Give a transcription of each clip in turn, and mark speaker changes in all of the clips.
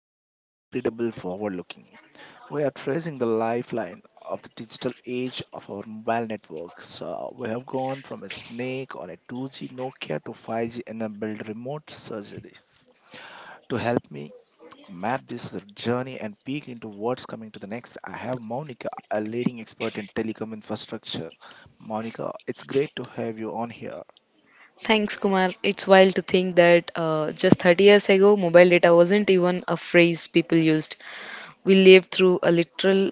Speaker 1: also incredible forward looking. We are tracing the lifeline of the digital age of our mobile networks. We have gone from a snake on a 2G Nokia to 5G enabled remote surgeries. To help me map this journey and peek into what's coming to the next. I have Monica, a leading expert in telecom infrastructure. Monica, it's great to have you on here.
Speaker 2: Thanks, Kumar. It's wild to think that just 30 years ago, mobile data wasn't even a phrase people used. We lived through a literal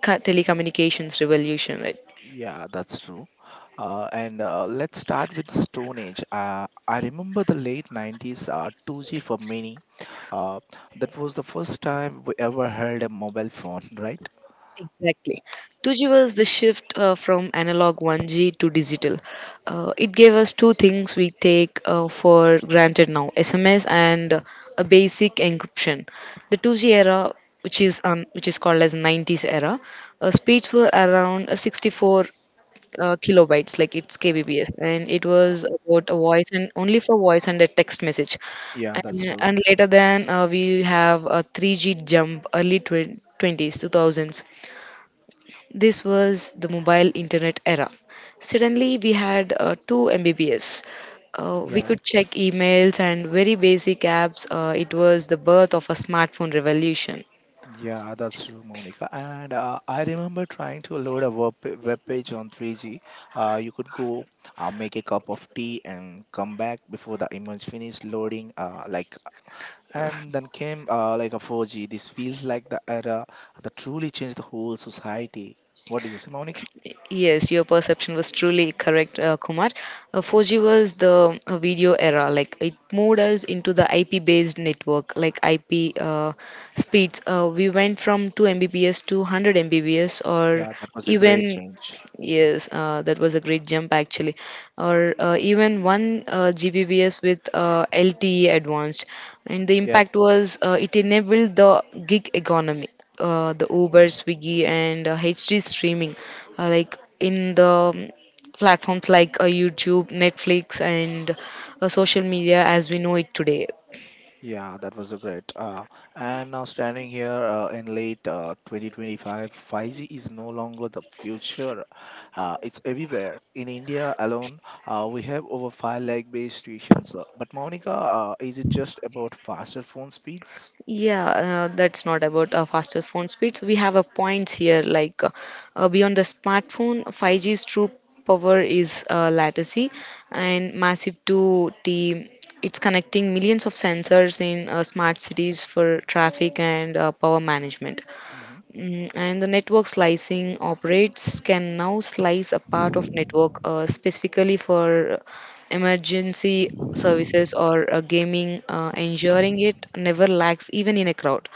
Speaker 2: telecommunications revolution, right?
Speaker 1: Yeah, that's true. And let's start with the Stone Age. I remember the late 90s , 2G for many. Uh, that was the first time we ever held a mobile phone, right?
Speaker 2: Exactly. 2G was the shift from analog 1G to digital. It gave us two things we take for granted now: SMS and a basic encryption. The 2G era, which is called as 90s era, speeds were around 64 kilobytes, like it's kbps, and it
Speaker 1: Uh,
Speaker 2: was about a voice and only for voice and a text message.
Speaker 1: yeah, that's
Speaker 2: And,
Speaker 1: true.
Speaker 2: and later then we have a 3G jump, early 20s, 2000s. This was the mobile internet era. Suddenly we had 2 Mbps. We
Speaker 1: Yeah.
Speaker 2: could check emails and very basic apps. It was the birth of a smartphone revolution.
Speaker 1: Yeah, that's true, Monica. And I remember trying to load a web page on 3G. You could go, make a cup of tea and come back before the image finished loading. And then came a 4G. This feels like the era that truly changed the whole society. What do you say, Monica?
Speaker 2: Yes, your perception was truly correct, Kumar. 4G was the video era. Like it moved us into the IP-based network, like IP speeds. We went from 2 Mbps to 100 Mbps, or
Speaker 1: Yeah, that was a great
Speaker 2: even,
Speaker 1: change.
Speaker 2: yes, that was a great jump actually, or even 1 Gbps with LTE advanced. And the
Speaker 1: Yeah,
Speaker 2: impact was, it enabled the gig economy, the Uber, Swiggy, and HD streaming, like in the um, platforms like YouTube, Netflix, and social media as we know it today.
Speaker 1: Yeah, that was a great. And now standing here in late 2025, 5G is no longer the future. It's everywhere. In India alone, we have over 5 lakh base stations. But Monica, is it just about faster phone speeds?
Speaker 2: Yeah, that's not about fastest phone speeds. We have a points here, like, beyond the smartphone, 5G's true power is latency and massive to the, it's connecting millions of sensors in smart cities for traffic and power management. Mm, and the network slicing operates can now slice a part of network specifically for emergency services or gaming, ensuring it never lacks even in a crowd.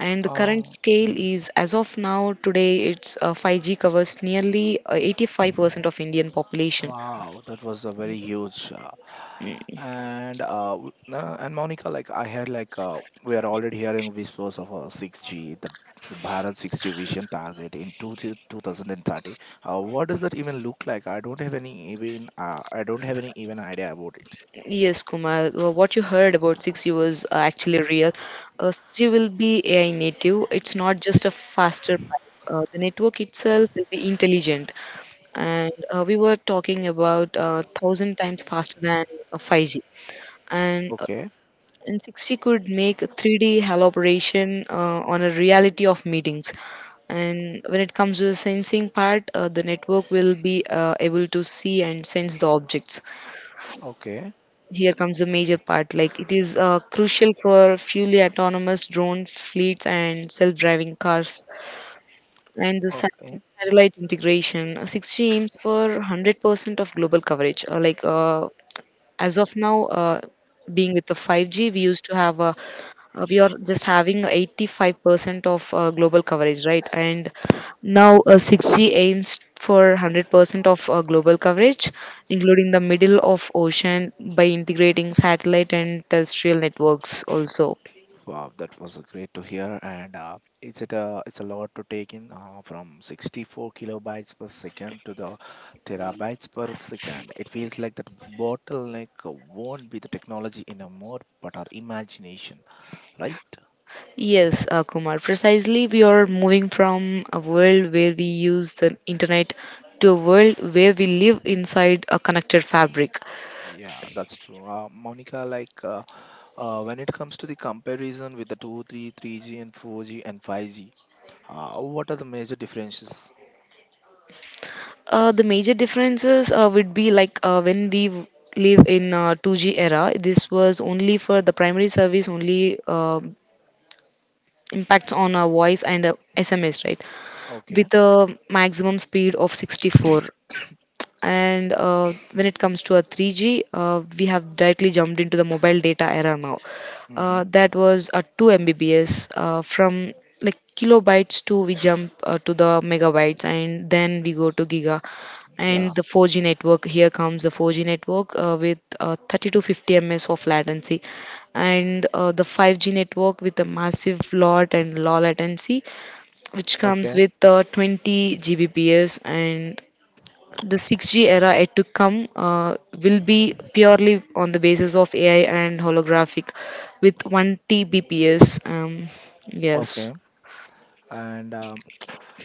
Speaker 2: And the
Speaker 1: Hmm.
Speaker 2: current scale is, as of now, today, it's 5G covers nearly 85% of Indian population.
Speaker 1: Wow, that was a very huge. Uh,
Speaker 2: Mm.
Speaker 1: and uh, w- uh, and Monica, I had like we are already hearing whispers of a 6G, the Bharat 6G vision target in 2030. What does that even look like? I don't have any even idea about it.
Speaker 2: Yes, Kumar, what you heard about 6U was actually real. 6U will be AI native. It's not just a faster pipe. The network itself will be intelligent. And we were talking about 1000 times faster than 5G. And,
Speaker 1: Okay,
Speaker 2: uh, and 6G could make 3D haloperation, on a reality of meetings. And when it comes to the sensing part, the network will be able to see and sense the objects.
Speaker 1: okay,
Speaker 2: Here comes the major part, like, it is crucial for fully autonomous drone fleets and self-driving cars. And the satellite integration, 60 aims for 100% of global coverage, like, as of now, being with the 5G, we used to have a, we are just having 85% of global coverage, right? And now, 6G aims for 100% of global coverage, including the middle of ocean, by integrating satellite and terrestrial networks also.
Speaker 1: wow, that was great to hear, and it's a lot to take in, from 64 kilobytes per second to the terabytes per second. It feels like that bottleneck won't be the technology anymore, but our imagination, right?
Speaker 2: Yes, Kumar, precisely. We are moving from a world where we use the internet to a world where we live inside a connected fabric.
Speaker 1: Yeah, that's true. Monica, when it comes to the comparison with the three g and 4G and 5G, what are the major differences?
Speaker 2: The major differences would be like, when we live in 2G era, this was only for the primary service, only impacts on our voice and SMS, right?
Speaker 1: Okay.
Speaker 2: With a maximum speed of 64. And when it comes to a 3G, we have directly jumped into the mobile data era now. Uh,
Speaker 1: Mm-hmm.
Speaker 2: that was a 2 Mbps, from like kilobytes to, we jump to the megabytes, and then we go to giga and
Speaker 1: Yeah.
Speaker 2: the 4G network. Here comes the 4G network with 30 to 50 ms of latency, and the 5G network with a massive lot and low latency, which comes
Speaker 1: Okay.
Speaker 2: with 20 Gbps. And the 6G era yet to come will be purely on the basis of AI and holographic, with 1 Tbps. Yes.
Speaker 1: Okay. And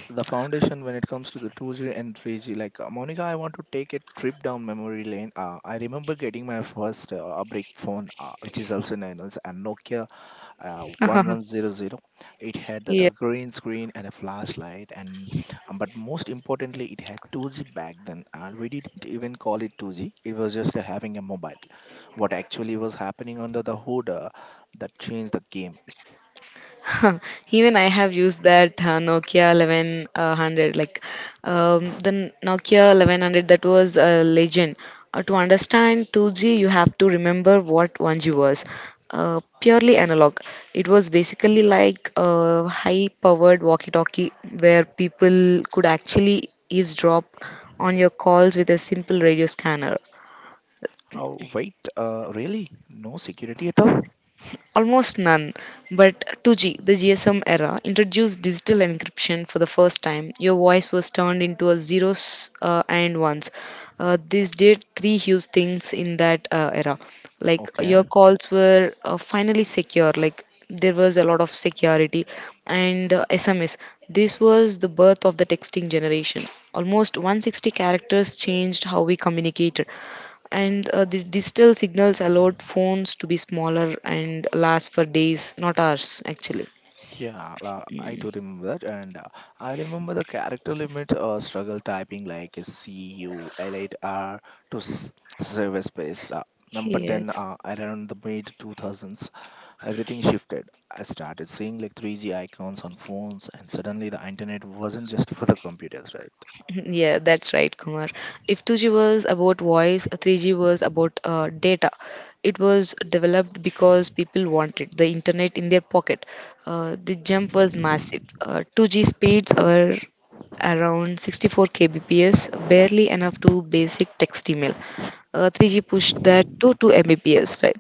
Speaker 1: the foundation when it comes to the 2G and 3G. Monica, I want to take a trip down memory lane. I remember getting my first brick phone, which is also known as a Nokia 1100. It had that
Speaker 2: Yeah.
Speaker 1: uh, green screen and a flashlight, and but most importantly, it had 2G back then, and we didn't even call it 2G. It was just having a mobile. What actually was happening under the hood that changed the game.
Speaker 2: Even I have used that Nokia 1100, like, the Nokia 1100, that was a legend. To understand 2G, you have to remember what 1G was. Purely analog. It was basically like a high-powered walkie-talkie, where people could actually eavesdrop on your calls with a simple radio scanner.
Speaker 1: Oh, wait, really? No security at all?
Speaker 2: Almost none, but 2G, the GSM era, introduced digital encryption for the first time. Your voice was turned into a zeros and ones. This did three huge things in that era. Like, your
Speaker 1: Okay.
Speaker 2: calls were finally secure. Like, there was a lot of security, and SMS. This was the birth of the texting generation. Almost 160 characters changed how we communicated. And these digital signals allowed phones to be smaller and last for days, not hours, actually.
Speaker 1: Yeah, I do remember that, and I remember the character limit struggle typing like CUL8R to save a space. Uh, um, but then
Speaker 2: Yes.
Speaker 1: uh, around the mid 2000s, everything shifted. I started seeing like 3G icons on phones, and suddenly the internet wasn't just for the computers, right?
Speaker 2: Yeah, that's right, Kumar. If 2G was about voice, 3G was about data. It was developed because people wanted the internet in their pocket. The jump was massive. 2G speeds were around 64 kbps, barely enough to basic text email. 3G pushed that to 2 mbps, right?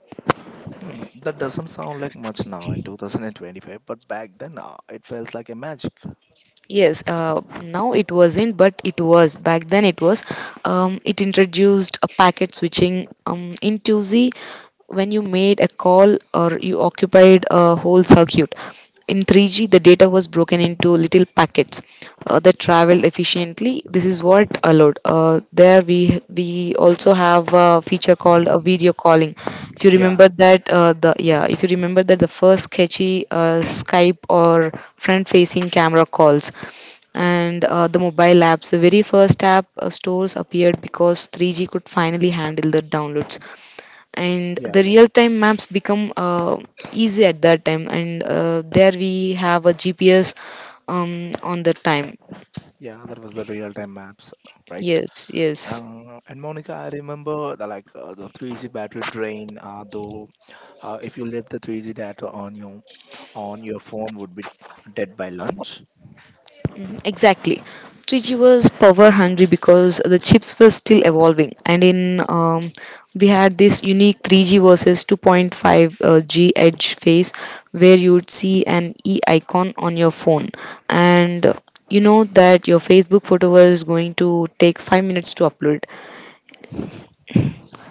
Speaker 1: Hmm, that doesn't sound like much now in 2025, but back then, it felt like a magic.
Speaker 2: Yes, now it wasn't, but it was. Back then it was. It introduced a packet switching. In 2Z, when you made a call or you occupied a whole circuit, in 3G, the data was broken into little packets that traveled efficiently. This is what allowed, there, we also have a feature called a video calling, if you
Speaker 1: Yeah,
Speaker 2: remember that, the yeah, if you remember that, the first sketchy skype or front facing camera calls, and the mobile apps, the very first app stores appeared because 3G could finally handle the downloads, and
Speaker 1: yeah,
Speaker 2: the
Speaker 1: yeah,
Speaker 2: real time maps become easy at that time. And there we have a gps, on the time.
Speaker 1: yeah. That was the real-time maps, right?
Speaker 2: Yes, yes.
Speaker 1: And Monica, I remember the 3G battery drain. Though, if you left the 3G data on your phone, would be dead by lunch.
Speaker 2: Mhm. Exactly. 3G was power hungry because the chips were still evolving, and in we had this unique 3G versus 2.5 G edge phase, where you would see an E icon on your phone, and you know that your Facebook photo was going to take 5 minutes to upload.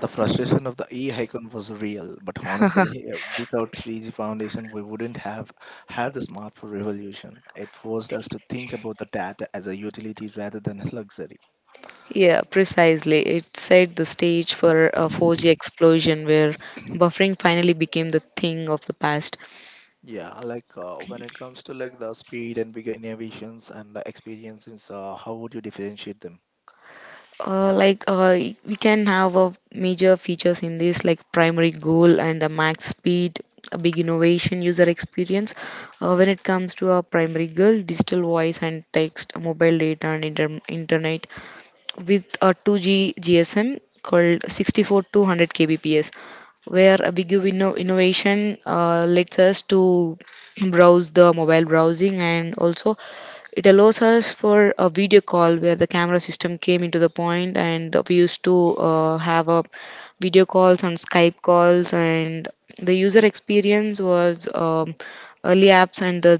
Speaker 1: The frustration of the e-icon was real, but honestly, without 3G foundation, we wouldn't have had the smartphone revolution. It forced us to think about the data as a utility rather than a luxury.
Speaker 2: Yeah, precisely. It set the stage for a 4G explosion where buffering finally became the thing of the past.
Speaker 1: Yeah, when it comes to like the speed and bigger innovations and the experiences, how would you differentiate them?
Speaker 2: Like, we can have a major features in this, like primary goal and the max speed, a big innovation, user experience. When it comes to our primary goal, digital voice and text, mobile data and internet, with a 2G GSM called 64 to 100 kbps, where a big innovation lets us to browse the mobile browsing, and also it allows us for a video call, where the camera system came into the point, and we used to have a video calls and skype calls, and the user experience was, early apps, and the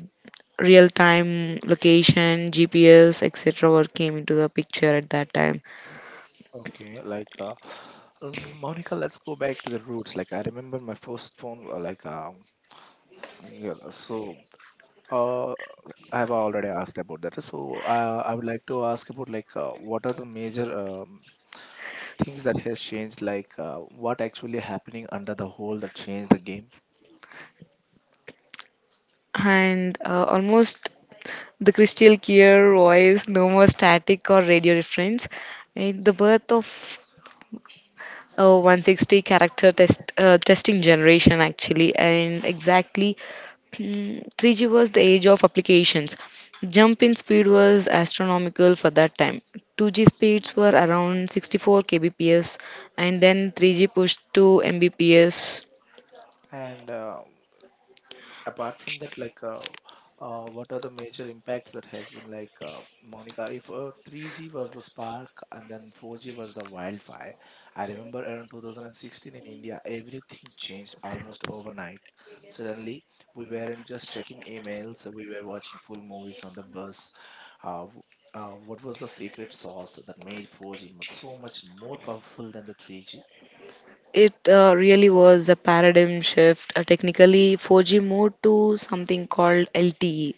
Speaker 2: real time location, GPS, etc., were came into the picture at that time.
Speaker 1: Okay, Monica, let's go back to the roots. Like I remember my first phone. Yeah, so uh, I have already asked about that. So I would like to ask about what are the major things that has changed? What actually happening under the whole that changed the game?
Speaker 2: And almost the crystal clear voice, no more static or radio reference. And the birth of a 160 character testing generation actually, and exactly. Hmm. 3G was the age of applications. Jump in speed was astronomical for that time. 2G speeds were around 64 kbps, and then 3G pushed to mbps.
Speaker 1: And apart from that, what are the major impacts that has been like, Monica? If 3G was the spark and then 4G was the wildfire, I remember around 2016 in India, everything changed almost overnight. Suddenly, we weren't just checking emails, we were watching full movies on the bus. Uh, w- what was the secret sauce that made 4G so much more powerful than the 3G?
Speaker 2: It really was a paradigm shift. Technically, 4G moved to something called LTE,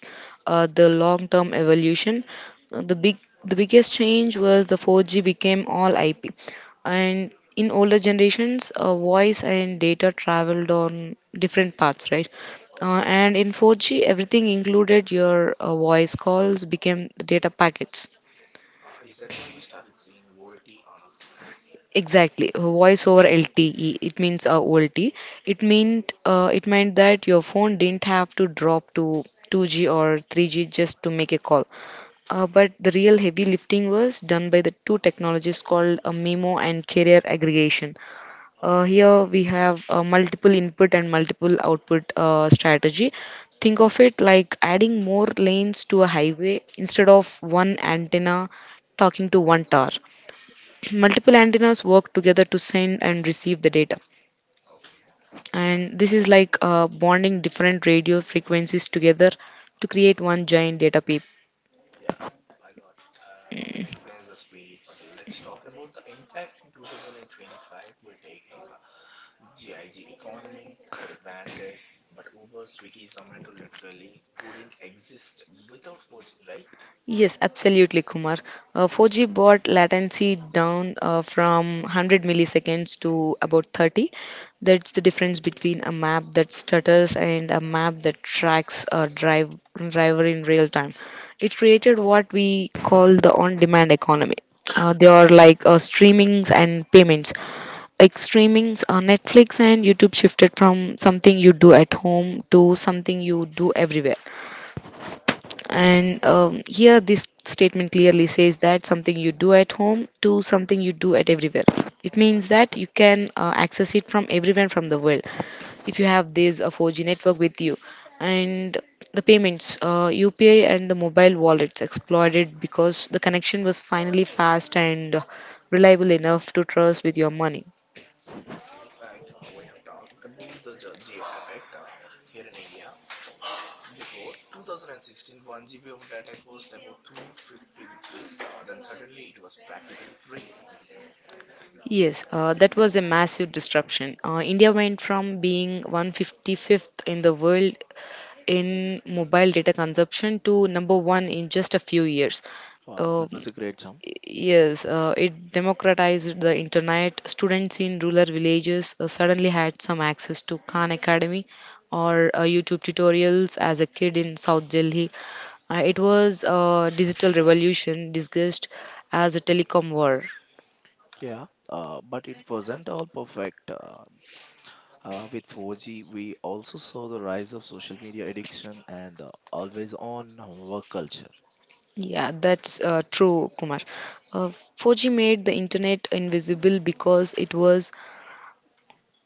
Speaker 2: the long-term evolution. Uh, the big, the biggest change was the 4G became all IP, and in older generations, voice and data traveled on different paths, right? And in 4G, everything included your voice calls became data packets.
Speaker 1: Is that why we started seeing VoLTE on our screens?
Speaker 2: Exactly, voice over LTE. It means OLT. It meant that your phone didn't have to drop to 2G or 3G just to make a call. But the real heavy lifting was done by the two technologies called MIMO and carrier aggregation. Uh,
Speaker 1: Okay,
Speaker 2: here we have multiple input and multiple output strategy. Think of it like adding more lanes to a highway, instead of one antenna talking to one tower.
Speaker 1: okay,
Speaker 2: Multiple antennas work together to send and receive the data,
Speaker 1: okay.
Speaker 2: and this is like bonding different radio frequencies together to create one giant data pipe.
Speaker 1: Yeah, I got it. And that explains the speed. But let's talk about the impact in 2025. We take the gig economy for the granted, but Uber, Swiggy, Zomato literally couldn't exist without 4G, right?
Speaker 2: Yes, absolutely, Kumar. 4G brought latency down, from 100 milliseconds to about 30. That's the difference between a map that stutters and a map that tracks a driver in real time. It created what we call the on demand economy. They are like streamings and payments. Like streamings, Netflix and YouTube shifted from something you do at home to something you do everywhere. And here this statement clearly says that something you do at home to something you do at everywhere. It means that you can access it from everywhere from the world if you have this 4G network with you, and the payments, UPI and the mobile wallets exploited because the connection was finally fast and reliable enough to trust with your money.
Speaker 1: Okay, we have talked about the geo effect, here in India. Before 2016, 1 GB of data cost about 250 rupees. Then suddenly it was practically free.
Speaker 2: Yes, that was a massive disruption. India went from being 155th in the world in mobile data consumption to number one in just a few years.
Speaker 1: Wow,
Speaker 2: Um,
Speaker 1: that was a great jump.
Speaker 2: Yes, it democratized the internet. Students in rural villages suddenly had some access to Khan Academy or YouTube tutorials as a kid in South Delhi. It was a digital revolution disguised as a telecom war.
Speaker 1: Yeah, but it wasn't all perfect. With 4G, we also saw the rise of social media addiction and the always-on work culture.
Speaker 2: Yeah, that's true, Kumar. Uh, 4G made the internet invisible because it was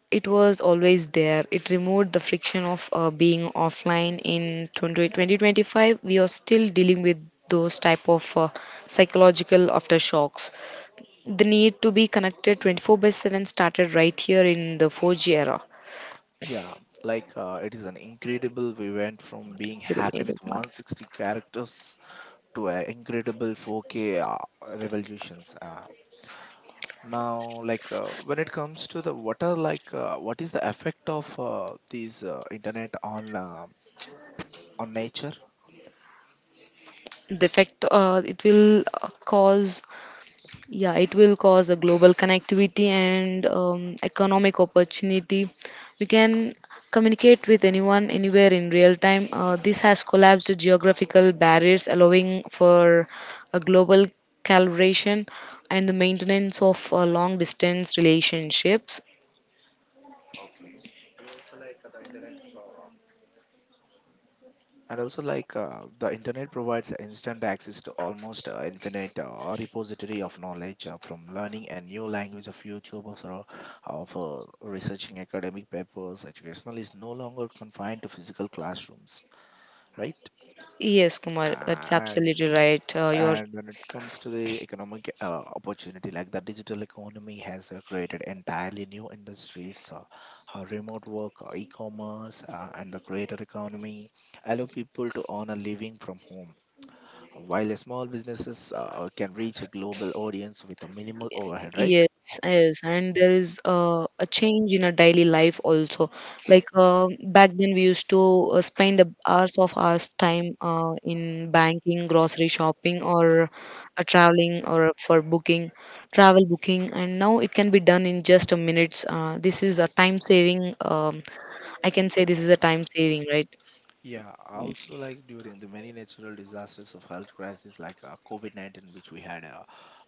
Speaker 2: it was always there. It removed the friction of being offline. In 2025, we are still dealing with those type of psychological aftershocks. The need to be connected 24/7 started right here in the 4G era.
Speaker 1: Yeah, it is an incredible. We went from being
Speaker 2: You know,
Speaker 1: happy with
Speaker 2: Kumar,
Speaker 1: 160 characters to an incredible 4K revolutions. Now, when it comes to the what are like what is the effect of these internet on nature?
Speaker 2: the effect, it will cause. Yeah, it will cause a global connectivity and economic opportunity. We can communicate with anyone, anywhere in real time. This has collapsed geographical barriers, allowing for a global calibration and the maintenance of long distance relationships.
Speaker 1: And also, the internet provides instant access to almost infinite repository of knowledge from learning a new language of YouTube of researching academic papers. Educational is no longer confined to physical classrooms, right?
Speaker 2: Yes,
Speaker 1: Uh,
Speaker 2: Kumar, that's absolutely
Speaker 1: and
Speaker 2: right. You're
Speaker 1: and when it comes to the economic opportunity, like the digital economy has created entirely new industries, remote work, e-commerce, and the creator economy allow people to earn a living from home, while the small businesses can reach a global audience with a minimal overhead, right?
Speaker 2: Yes, yes, and there is a change in our daily life also. Like back then, we used to spend hours of hours time in banking, grocery shopping, or traveling, or for booking, travel booking, and now it can be done in just a minutes. This is a time saving. I can say this is a time saving, right?
Speaker 1: Yeah, also like during the many natural disasters of health crisis like COVID-19, which we had uh,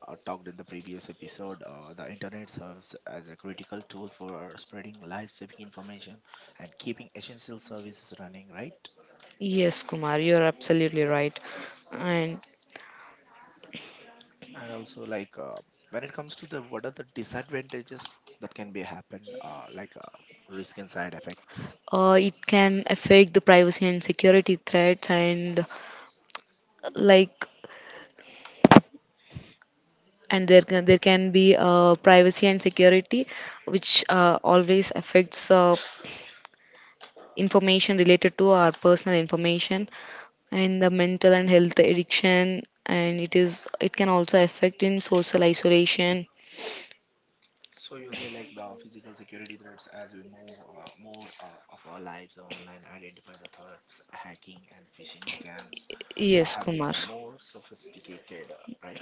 Speaker 1: uh, talked in the previous episode, the internet serves as a critical tool for spreading life-saving information and keeping essential services running, right?
Speaker 2: Yes, Kumar, you're absolutely right. And
Speaker 1: And also when it comes to the what are the disadvantages that can be happen, risk and side effects.
Speaker 2: it can affect the privacy and security threats and like and there can be privacy and security which always affects information related to our personal information and the mental and health addiction, and it can also affect in social isolation.
Speaker 1: So you say like the physical security threats as we move more of our lives online, identify the threats, hacking and phishing scams
Speaker 2: Yes,
Speaker 1: have
Speaker 2: Kumar.
Speaker 1: become more sophisticated, right?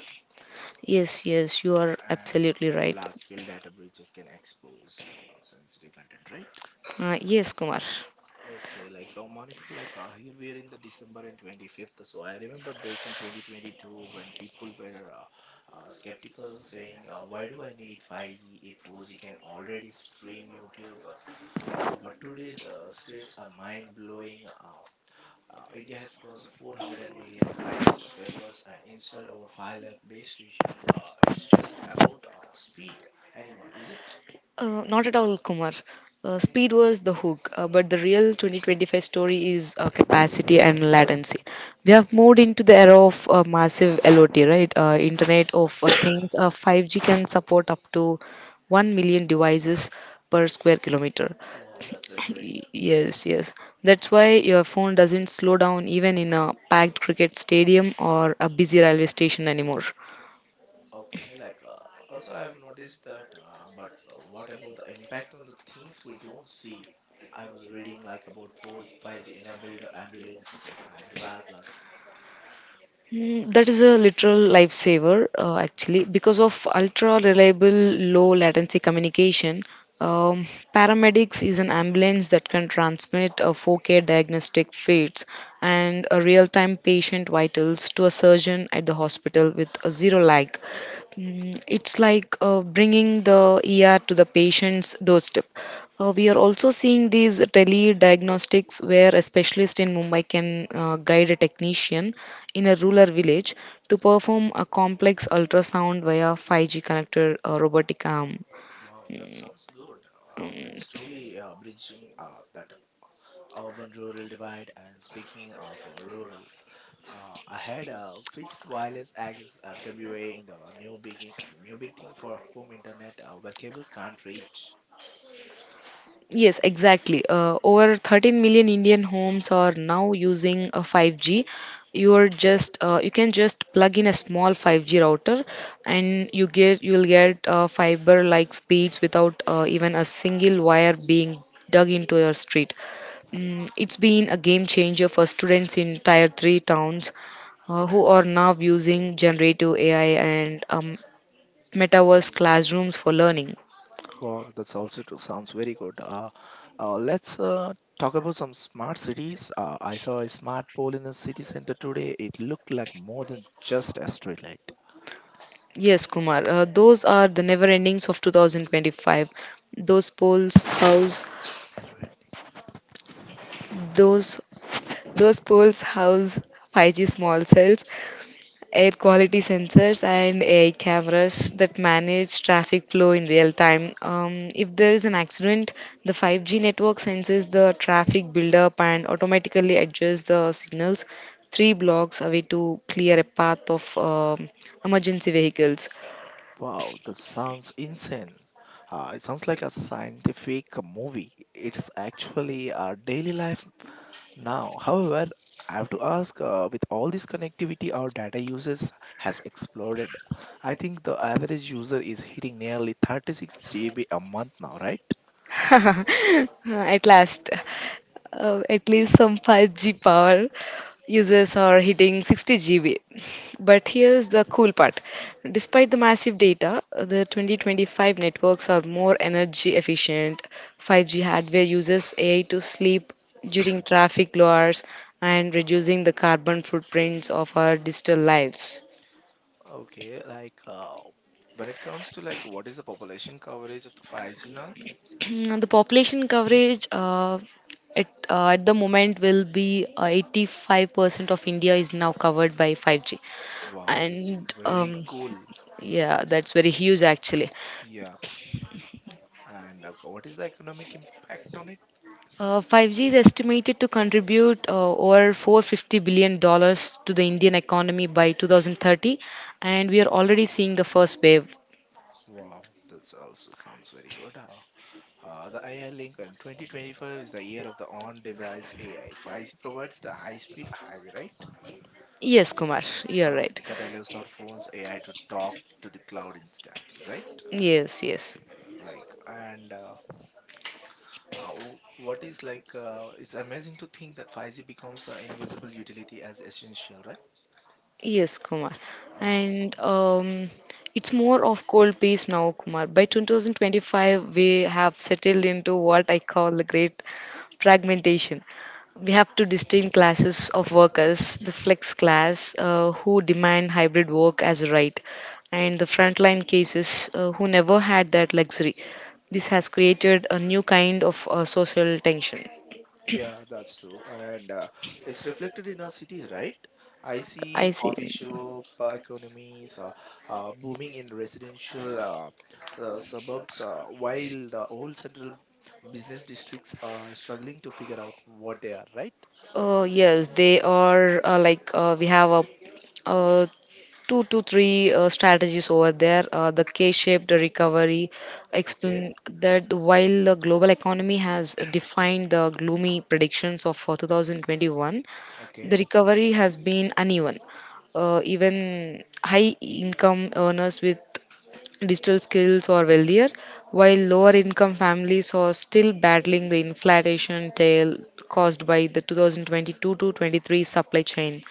Speaker 2: Yes, yes, you are
Speaker 1: And
Speaker 2: absolutely right.
Speaker 1: large-scale data breaches can expose sensitive content, right?
Speaker 2: Yes, Kumar.
Speaker 1: Okay, Monica, here we are in the December and 25th. So I remember back in 2022 when people were skeptical, saying, "Why do I need 5G if 4G can already stream YouTube?" But today, the stats are mind blowing. India has close to 400 million 5G subscribers and installed over 5 lakh base stations. It's just about speed anymore, is it?
Speaker 2: Not at all, Kumar. Speed was the hook, but the real 2025 story is capacity and latency. We have
Speaker 1: Okay.
Speaker 2: moved into the era of massive LOT, right? Internet of Things. 5G can support up to 1 million devices per square kilometer.
Speaker 1: Wow, that's a great.
Speaker 2: Yes, yes. That's why your phone doesn't slow down even in a packed cricket stadium or a busy railway station anymore.
Speaker 1: Okay, also I have noticed that, but what about the impact on the things we don't see? I was reading like about 4 5G enabled ambulances in Hyderabad last.
Speaker 2: Mm. That is a literal lifesaver, actually, because of ultra reliable low latency communication. Um, Paramedics is an ambulance that can transmit a 4K diagnostic feeds and a real time patient vitals to a surgeon at the hospital with a zero lag. It's like bringing the ER to the patient's doorstep. We are also seeing these telediagnostics where a specialist in Mumbai can guide a technician in a rural village to perform a complex ultrasound via 5G connected robotic arm.
Speaker 1: Wow, that
Speaker 2: Mm,
Speaker 1: sounds good. It's
Speaker 2: mm.
Speaker 1: truly bridging that urban rural divide. And speaking of rural, I had a fixed wireless access FWA in the new big thing for home internet where cables can't reach.
Speaker 2: Yes, exactly. Over 13 million Indian homes are now using a 5G. You can just plug in a small 5G router, and you will get fiber-like speeds without even a single wire being dug into your street. It's been a game changer for students in Tier 3 towns who are now using generative AI and metaverse classrooms for learning.
Speaker 1: Wow, that's also true. Sounds very good. Let's talk about some smart cities. I saw a smart pole in the city center today. It looked like more than just a street light.
Speaker 2: Yes, Kumar, those are the never endings of 2025. Those polls house, those those polls house 5G small cells, air quality sensors and AI cameras that manage traffic flow in real time. If there is an accident, the 5G network senses the traffic buildup and automatically adjusts the signals three blocks away to clear a path of emergency vehicles.
Speaker 1: Wow, that sounds insane. It sounds like a scientific movie. It's actually our daily life now. However, I have to ask, with all this connectivity, our data uses has exploded. I think the average user is hitting nearly 36 GB a month now, right?
Speaker 2: At last. At least some 5G power users are hitting 60 GB. But here's the cool part. Despite the massive data, the 2025 networks are more energy efficient. 5G hardware uses AI to sleep during traffic low hours and reducing the carbon footprints of our digital lives.
Speaker 1: Okay, when it comes to like what is the population coverage of the 5G now?
Speaker 2: Now, the population coverage, at the moment will be 85% of India is now covered by 5G.
Speaker 1: Wow, that's
Speaker 2: and
Speaker 1: very
Speaker 2: um,
Speaker 1: cool.
Speaker 2: yeah, that's very huge actually.
Speaker 1: Yeah, and what is the economic impact on it?
Speaker 2: 5G is estimated to contribute over $450 billion to the Indian economy by 2030, and we are already seeing the first wave.
Speaker 1: Wow, this also sounds very good. The AI Lincoln 2025 is the year of the on device AI. 5G provides the high speed highway, right?
Speaker 2: Yes, Kumar, you're right.
Speaker 1: That allows our phones AI to talk to the cloud instantly, right?
Speaker 2: Yes, yes.
Speaker 1: And it's amazing to think that 5G becomes the invisible utility as essential, right?
Speaker 2: Yes, Kumar.
Speaker 1: Uh,
Speaker 2: And
Speaker 1: um,
Speaker 2: It's more of cold peace now, Kumar. By 2025, we have settled into what I call the great fragmentation. We have two distinct classes of workers, the flex class, who demand hybrid work as a right, and the frontline cases, who never had that luxury. This has created a new kind of social tension.
Speaker 1: Yeah, that's true. And it's reflected in our cities, right? I see
Speaker 2: I see.
Speaker 1: coffee shop economies booming in residential suburbs, while the old central business districts are struggling to figure out what they are, right?
Speaker 2: Yes, they are like we have a, uh two to three strategies over there. The K-shaped recovery
Speaker 1: Okay,
Speaker 2: explain that while the global economy has defined the gloomy predictions of 2021,
Speaker 1: okay.
Speaker 2: the recovery has been uneven. Even high income earners with digital skills are wealthier, while lower income families are still battling the inflation tail caused by the 2022 to 23 supply chain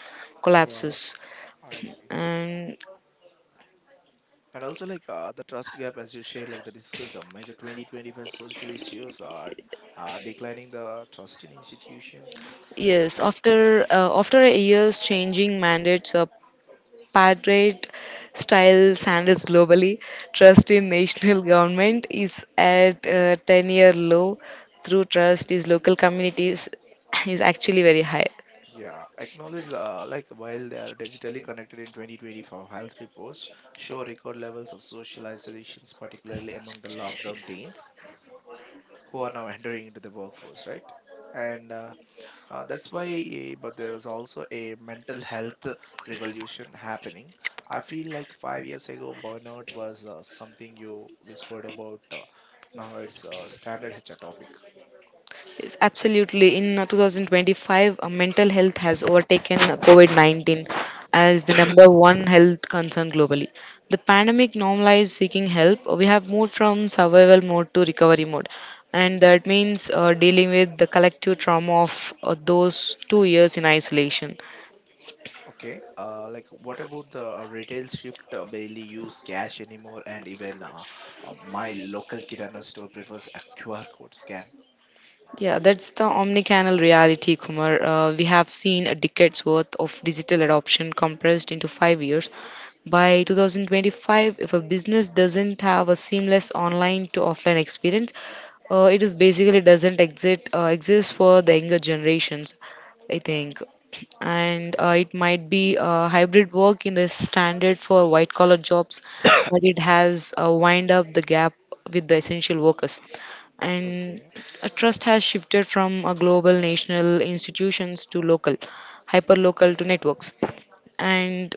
Speaker 1: Wow,
Speaker 2: collapses.
Speaker 1: I see.
Speaker 2: And
Speaker 1: And also, the trust gap, as you shared, like the discuss major 2025 social issues are declining the trust in institutions,
Speaker 2: yes,
Speaker 1: right?
Speaker 2: after a year's changing mandates, Patriot style standards globally, trust in national government is at a 10-year low. Through trust, is local communities is actually very high.
Speaker 1: Yeah, acknowledge the, like while they are digitally connected in 2024 health reports show record levels of social isolations, particularly among the lockdown teens who are now entering into the workforce, right? And that's why, but there is also a mental health revolution happening. I feel like 5 years ago, burnout was something you whispered about. Now it's a standard HR topic.
Speaker 2: Yes, absolutely. In 2025, mental health has overtaken COVID-19 as the number one health concern globally. The pandemic normalized seeking help. We have moved from survival mode to recovery mode, and that means dealing with the collective trauma of those 2 years in isolation.
Speaker 1: Okay. What about the retail shift, barely use cash anymore, and even my local kirana store prefers a QR code scan.
Speaker 2: Yeah, that's the omnicanal reality, Kumar. We have seen a decade's worth of digital adoption compressed into 5 years. By 2025, if a business doesn't have a seamless online to offline experience, it is basically doesn't exist for the younger generations, I think. And
Speaker 1: Yeah.
Speaker 2: it might be hybrid work in the standard for white collar jobs, but it has wind up the gap with the essential workers, and
Speaker 1: Okay.
Speaker 2: a trust has shifted from a global national institutions to local hyper local to networks, and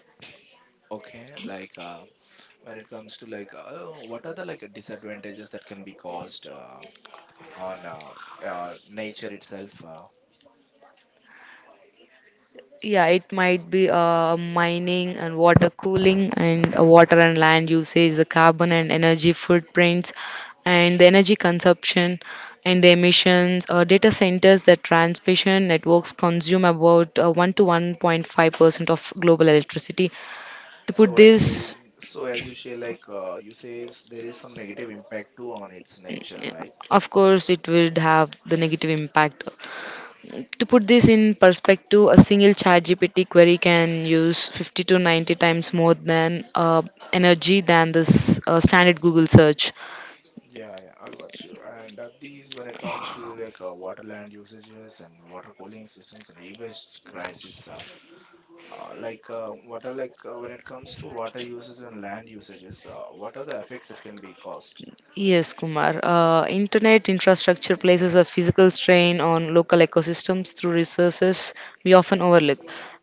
Speaker 1: Okay. When it comes to what are the like disadvantages that can be caused on nature itself?
Speaker 2: yeah, it might be mining and water cooling and water and land usage, the carbon and energy footprints and the energy consumption and the emissions. Data centers that transmission networks consume about 1 to 1.5% of global electricity to put. So,
Speaker 1: So at
Speaker 2: this
Speaker 1: least,
Speaker 2: so as
Speaker 1: as you
Speaker 2: you
Speaker 1: say,
Speaker 2: say, like you say,
Speaker 1: there
Speaker 2: there
Speaker 1: is
Speaker 2: is some
Speaker 1: some negative
Speaker 2: negative
Speaker 1: impact
Speaker 2: impact too
Speaker 1: too
Speaker 2: on
Speaker 1: on its
Speaker 2: its nature,
Speaker 1: nature, right?
Speaker 2: right? Of course it would have the negative impact. To put this in perspective, a single Chat GPT query can use 50 to 90 times more than energy than this standard Google search.
Speaker 1: Yeah, yeah, I got you. And these, when it comes to the water land usages and water cooling systems and e-waste crisis, what are like when it comes to water uses and land usages, what are the effects that can be caused?
Speaker 2: Yes, Kumar. Internet infrastructure places a physical strain on local ecosystems through resources we often overlook,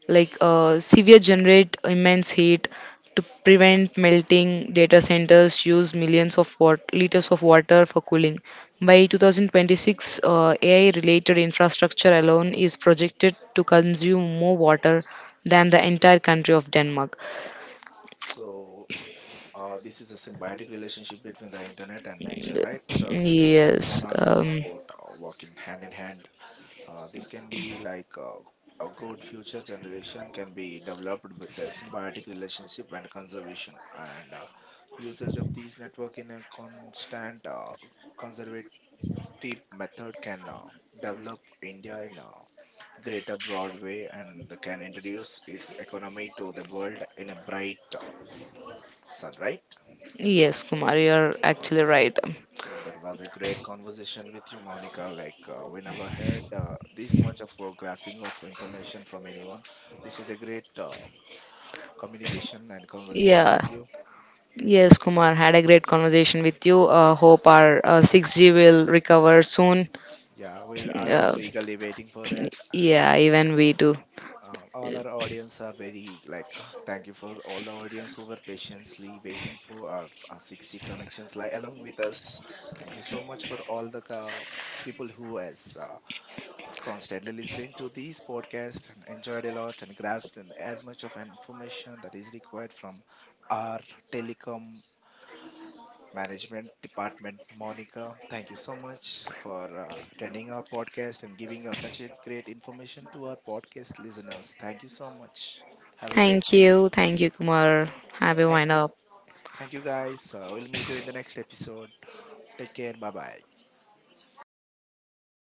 Speaker 2: like severe generate immense heat to prevent melting. Data centers use millions of liters of water for cooling. By 2026, AI-related infrastructure alone is projected to consume more water than the entire country of Denmark.
Speaker 1: So this is a symbiotic relationship between the internet and
Speaker 2: So
Speaker 1: nature, right?
Speaker 2: this is
Speaker 1: So
Speaker 2: Yes, not just
Speaker 1: one-on-one support
Speaker 2: about.
Speaker 1: uh, working hand in hand. This can be like a good future generation can be developed with a symbiotic relationship and conservation and usage of these network in a constant conservative method can develop India in a greater broad way and can introduce its economy to the world in a bright sun, right?
Speaker 2: Yes, Kumar, you're actually right.
Speaker 1: Sure, that was a great conversation with you, Monica. We never heard this much of grasping of information from anyone. This was a great communication and conversation with
Speaker 2: Yeah,
Speaker 1: you.
Speaker 2: yes, Kumar, had a great conversation with you. Hope
Speaker 1: And
Speaker 2: our
Speaker 1: uh,
Speaker 2: 6G will recover soon.
Speaker 1: yeah, well, I'm
Speaker 2: Uh,
Speaker 1: also eagerly waiting for that. And
Speaker 2: yeah, even we do.
Speaker 1: uh, all our audience are very like, thank you for all the audience who were patiently waiting for our 60 connections like along with us. Thank you so much for all the people who has constantly listening to these podcasts and enjoyed a lot and grasped in as much of an information that is required from our telecom management department. Monica, thank you so much for attending our podcast and giving us such a great information to our podcast listeners. Thank you so much. Have a great day.
Speaker 2: Thank you, Kumar. Happy
Speaker 1: Thank
Speaker 2: wind
Speaker 1: you.
Speaker 2: up.
Speaker 1: Thank you, guys. We'll meet you in the next episode. Take care. Bye bye.